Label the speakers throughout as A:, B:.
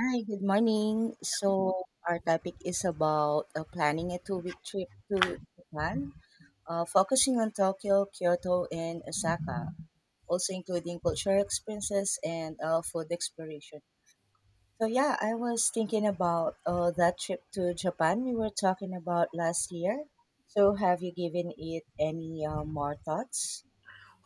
A: Hi, good morning. So our topic is about planning a two-week trip to Japan, focusing on Tokyo, Kyoto, and Osaka, also including cultural experiences and food exploration. So yeah, I was thinking about that trip to Japan we were talking about last year. So have you given it any more thoughts?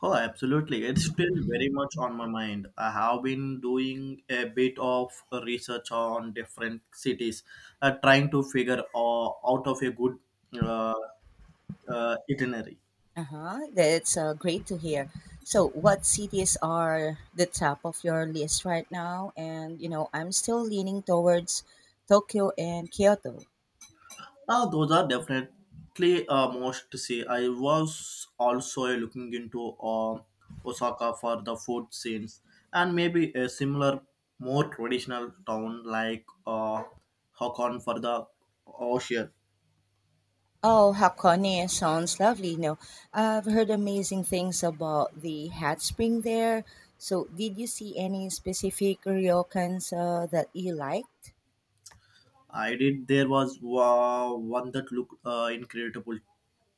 B: Oh, absolutely. It's still very much on my mind. I have been doing a bit of research on different cities, trying to figure out of a good uh, itinerary.
A: Uh-huh. That's great to hear. So, what cities are the top of your list right now? And, you know, I'm still leaning towards Tokyo and Kyoto.
B: Now, those are definitely most to see. I was also looking into uh, Osaka for the food scenes and maybe a similar, more traditional town like Hakon for the ocean.
A: Oh, Hakone sounds lovely. You know, I've heard amazing things about the hot spring there. So, did you see any specific ryokans that you like?
B: I did. There was one that looked incredible.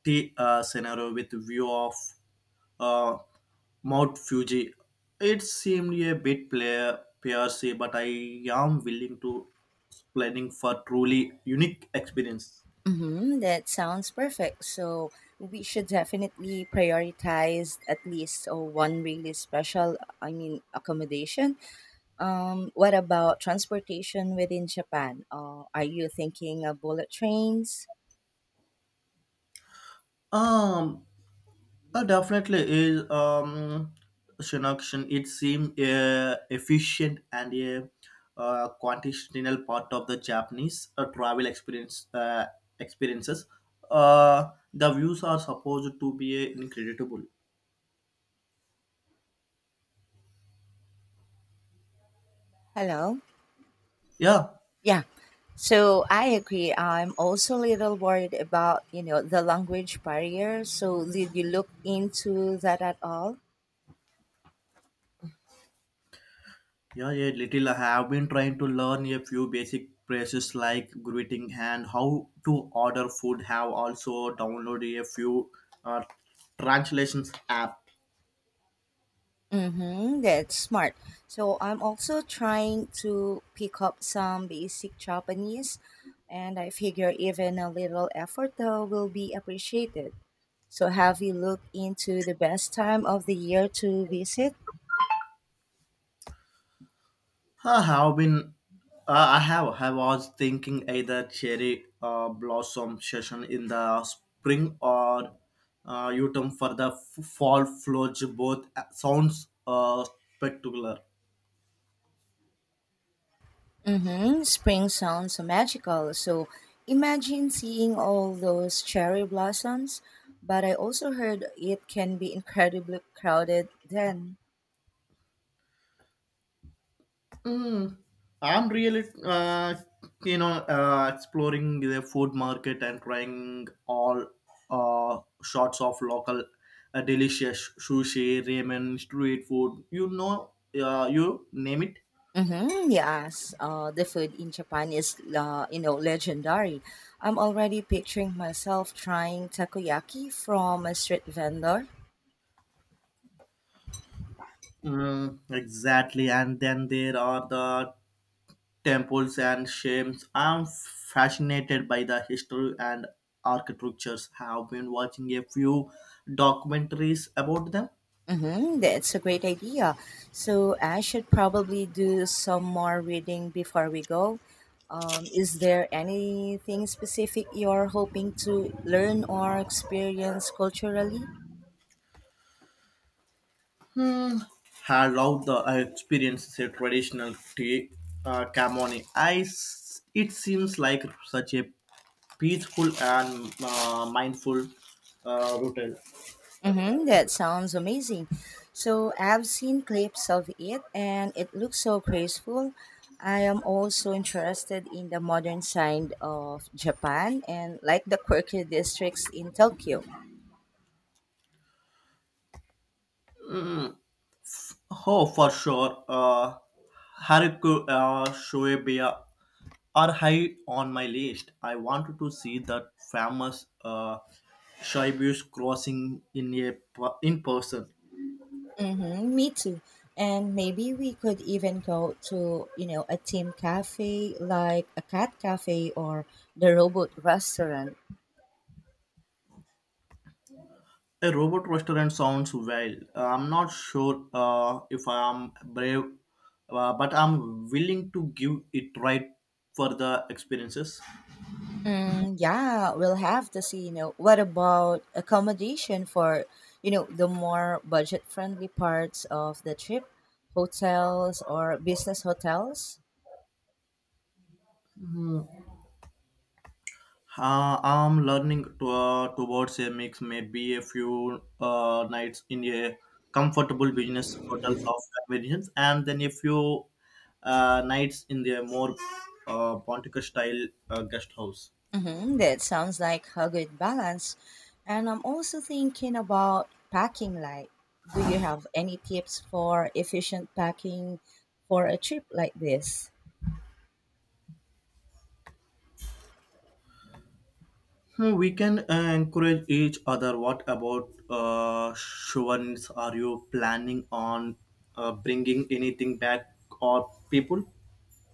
B: T scenario with view of uh, Mount Fuji. It seemed a bit player PRC, but I am willing to planning for truly unique experience.
A: Mm-hmm, that sounds perfect. So we should definitely prioritize at least one really special, I mean, accommodation. What about transportation within Japan? Are you thinking of bullet trains?
B: Um, Definitely is Shinoxian. It seems efficient and a continental part of the Japanese travel experiences. The views are supposed to be incredible.
A: Hello?
B: Yeah,
A: Yeah. So I agree. I'm also a little worried about, you know, the language barrier. So did you look into that at all?
B: yeah, yeah. Little I have been trying to learn a few basic phrases like greeting and how to order food. Have also downloaded a few uh, translations app.
A: Mm-hmm, that's smart. So I'm also trying to pick up some basic Japanese, and I figure even a little effort though will be appreciated. So have you looked into the best time of the year to visit?
B: I have been. I have. I was thinking either cherry blossom session in the spring or autumn for the fall flowers. Both sounds spectacular.
A: Mm-hmm, spring sounds so magical. So imagine seeing all those cherry blossoms, but I also heard it can be incredibly crowded then.
B: Mm. I'm really exploring the food market and trying all uh, sorts of local delicious sushi, ramen, street food. You name it.
A: Mm-hmm, yes, the food in Japan is, you know, legendary. I'm already picturing myself trying takoyaki from a street vendor.
B: Mm, exactly, and then there are the temples and shames. I'm fascinated by the history and architectures. Have been watching a few documentaries about them.
A: Mm-hmm, that's a great idea. So I should probably do some more reading before we go. Is there anything specific you're hoping to learn or experience culturally?
B: I love the I experienced a traditional tea camoni. It seems like such a peaceful and mindful routine.
A: Mm-hmm, that sounds amazing. So I've seen clips of it and it looks so graceful. I am also interested in the modern side of Japan and like the quirky districts in Tokyo.
B: Oh, for sure. Haruku Shoebiya are high on my list. I wanted to see that famous Shibus crossing in in person.
A: Mm-hmm, me too. And maybe we could even go to, you know, a team cafe like a cat cafe or the robot restaurant.
B: A robot restaurant sounds wild. I'm not sure if I'm brave, but I'm willing to give it right for the experiences.
A: Mm, yeah, we'll have to see. You know, what about accommodation for, you know, the more budget-friendly parts of the trip, hotels or business hotels?
B: I'm learning to, towards a mix, maybe a few nights in a comfortable business hotels of convenience, and then a few nights in the more Pontica style guest house.
A: Mm-hmm, that sounds like a good balance. And I'm also thinking about packing light. Do you have any tips for efficient packing for a trip like this?
B: Hmm, we can encourage each other. What about Shuvans? Are you planning on bringing anything back or people?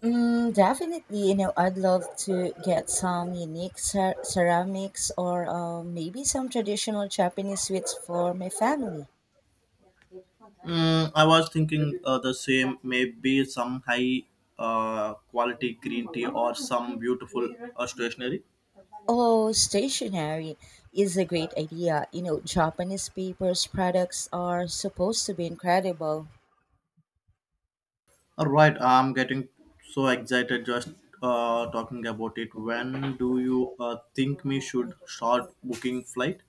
A: Mm, definitely, you know, I'd love to get some unique ceramics or maybe some traditional Japanese sweets for my family.
B: Mm, I was thinking the same. Maybe some high quality green tea or some beautiful stationery.
A: Oh, stationery is a great idea. You know, Japanese papers products are supposed to be incredible.
B: All right, I'm getting so excited just talking about it. When do you think we should start booking flight?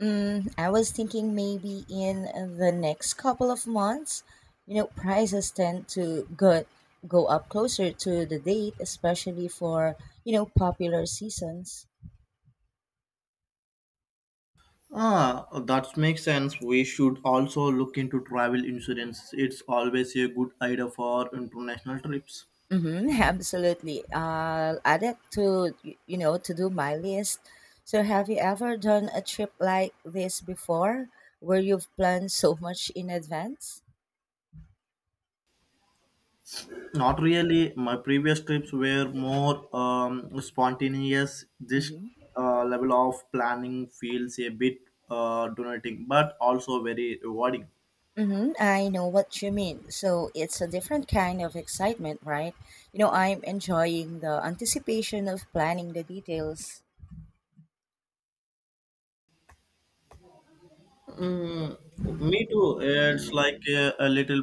A: Mm, I was thinking maybe in the next couple of months, you know, prices tend to go up closer to the date, especially for, you know, popular seasons.
B: Ah, that makes sense. We should also look into travel insurance. It's always a good idea for international trips.
A: Mm-hmm, absolutely. Will add it to, you know, to do my list. So, have you ever done a trip like this before where you've planned so much in advance?
B: Not really. My previous trips were more spontaneous. This
A: Hmm.
B: level of planning feels a bit donating, but also very rewarding.
A: Mm-hmm, I know what you mean. So, it's a different kind of excitement, right? You know, I'm enjoying the anticipation of planning the details.
B: Mm, me too. It's like a little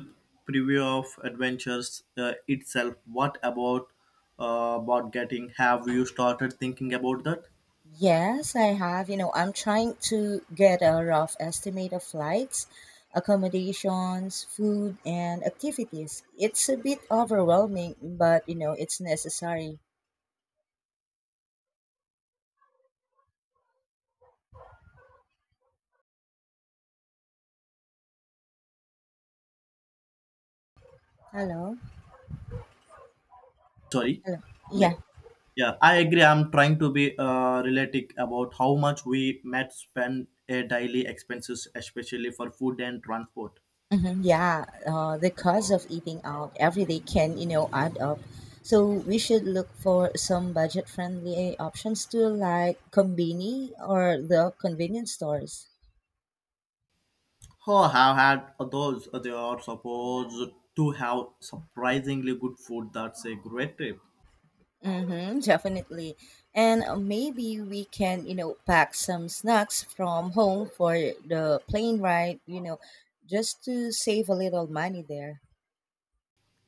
B: preview of adventures itself. What about getting? Have you started thinking about that?
A: Yes, I have. You know, I'm trying to get a rough estimate of flights, accommodations, food, and activities. It's a bit overwhelming, but you know, it's necessary. Hello?
B: Sorry.
A: Hello? Yeah.
B: Sorry. Yeah, I agree. I'm trying to be realistic about how much we might spend a daily expenses, especially for food and transport.
A: Hmm. Yeah. The cost of eating out every day can, you know, add up. So we should look for some budget-friendly options too, like Combini or the convenience stores.
B: Oh, have had those. They are supposed to have surprisingly good food. That's a great trip.
A: Mm-hmm, definitely. And maybe we can, you know, pack some snacks from home for the plane ride, you know, just to save a little money there.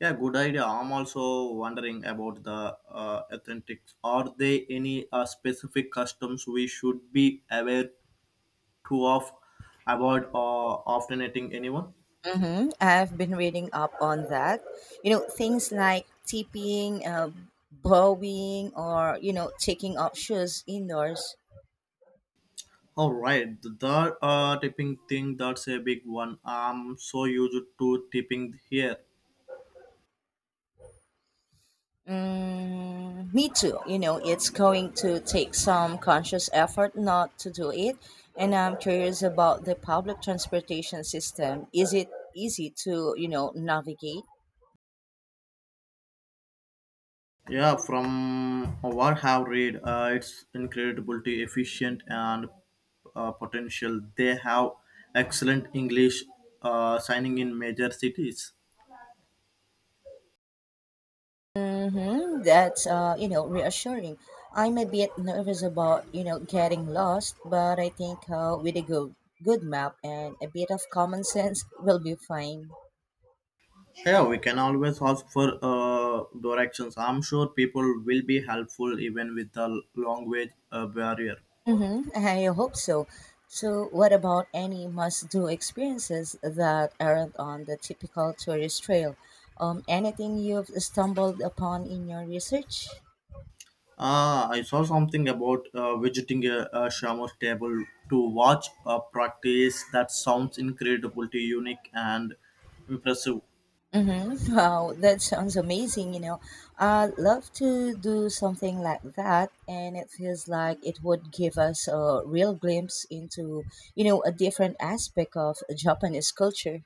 B: Yeah, good idea. I'm also wondering about the authentics. Are there any specific customs we should be aware to of about often eating anyone?
A: Mm-hmm. I've been reading up on that. You know, things like tipping, bowing, or, you know, taking off shoes indoors.
B: All right, the tipping thing that's a big one. I'm so used to tipping here.
A: Mm, me too. You know, it's going to take some conscious effort not to do it. And I'm curious about the public transportation system. Is it easy to, you know, navigate?
B: Yeah, from what I've read, it's incredibly efficient and potential. They have excellent English signing in major cities.
A: Mm-hmm. That's, you know, reassuring. I'm a bit nervous about, you know, getting lost, but I think with a good map and a bit of common sense, we'll be fine.
B: Yeah, we can always ask for directions. I'm sure people will be helpful even with the language barrier.
A: Mm-hmm. I hope so. So, what about any must-do experiences that aren't on the typical tourist trail? Anything you've stumbled upon in your research?
B: Ah, I saw something about visiting a shaman's table to watch a practice that sounds incredibly unique and impressive.
A: Mm-hmm. Wow, that sounds amazing. You know, I'd love to do something like that, and it feels like it would give us a real glimpse into, you know, a different aspect of Japanese culture.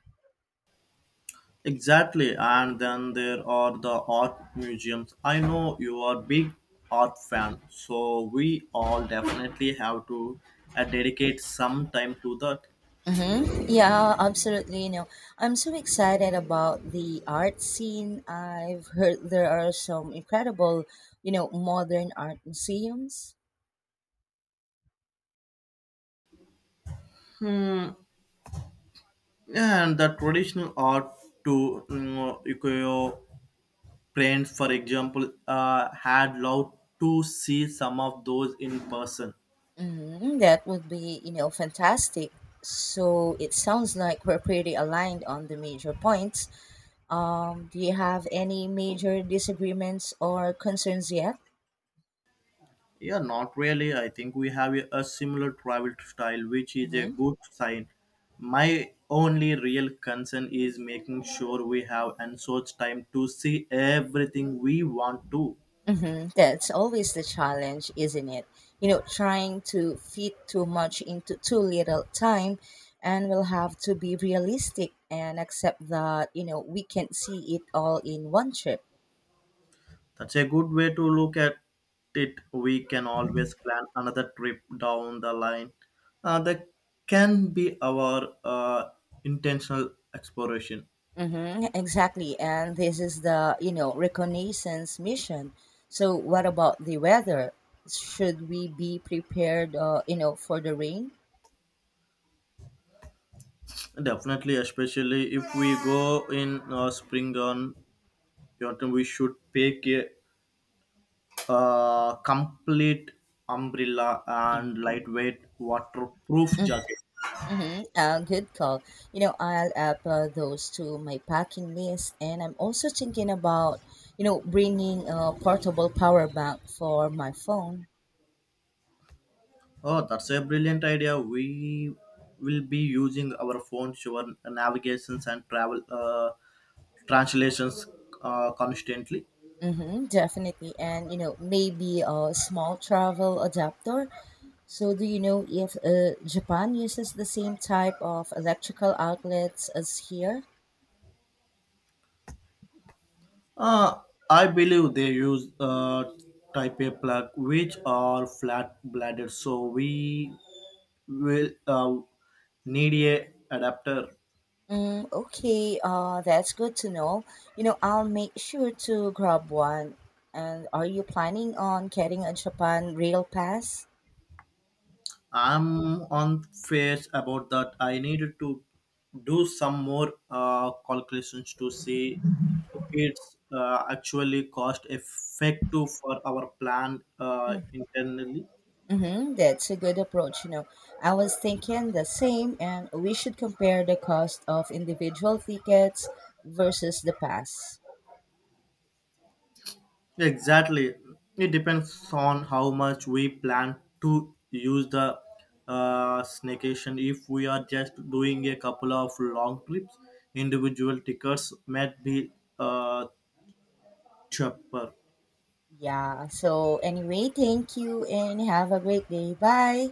B: Exactly, and then there are the art museums. I know you are a big art fan, so we all definitely have to dedicate some time to that.
A: Mm-hmm. Yeah, absolutely. You know, I'm so excited about the art scene. I've heard there are some incredible, you know, modern art museums.
B: Hmm. And the traditional art to you know, ukiyo-e friends, for example, had loved to see some of those in person.
A: Mm-hmm. That would be, you know, fantastic. So it sounds like we're pretty aligned on the major points. Do you have any major disagreements or concerns yet?
B: Yeah, not really. I think we have a similar travel style, which is a
A: Mm-hmm.
B: good sign. My only real concern is making sure we have and such time to see everything we want to.
A: Hmm. That's always the challenge, isn't it? You know, trying to fit too much into too little time, and we'll have to be realistic and accept that, you know, we can't see it all in one trip.
B: That's a good way to look at it. We can always plan another trip down the line. That can be our intentional exploration.
A: Mm-hmm, exactly. And this is the, you know, reconnaissance mission. So, what about the weather? Should we be prepared, you know, for the rain?
B: Definitely, especially if we go in spring on autumn, we should pick a complete umbrella and lightweight waterproof jacket.
A: Mm-hmm. Good call. You know, I'll add those to my packing list, and I'm also thinking about, you know, bringing a portable power bank for my phone.
B: Oh, that's a brilliant idea. We will be using our phones for navigations and travel translations constantly.
A: Mm-hmm, definitely, and you know, maybe a small travel adapter. So, do you know if Japan uses the same type of electrical outlets as here?
B: Uh, I believe they use type A plug, which are flat bladed, so we will need a adapter.
A: Mm, okay, that's good to know. You know, I'll make sure to grab one. And are you planning on getting a Japan rail pass?
B: I'm on face about that. I needed to do some more calculations to see if it's actually cost effective for our plan internally.
A: Mm-hmm, that's a good approach. You know, I was thinking the same, and we should compare the cost of individual tickets versus the pass.
B: Exactly. It depends on how much we plan to use the staycation. If we are just doing a couple of long trips, individual tickets might be uh, cheaper.
A: Yeah, so anyway, thank you and have a great day. Bye.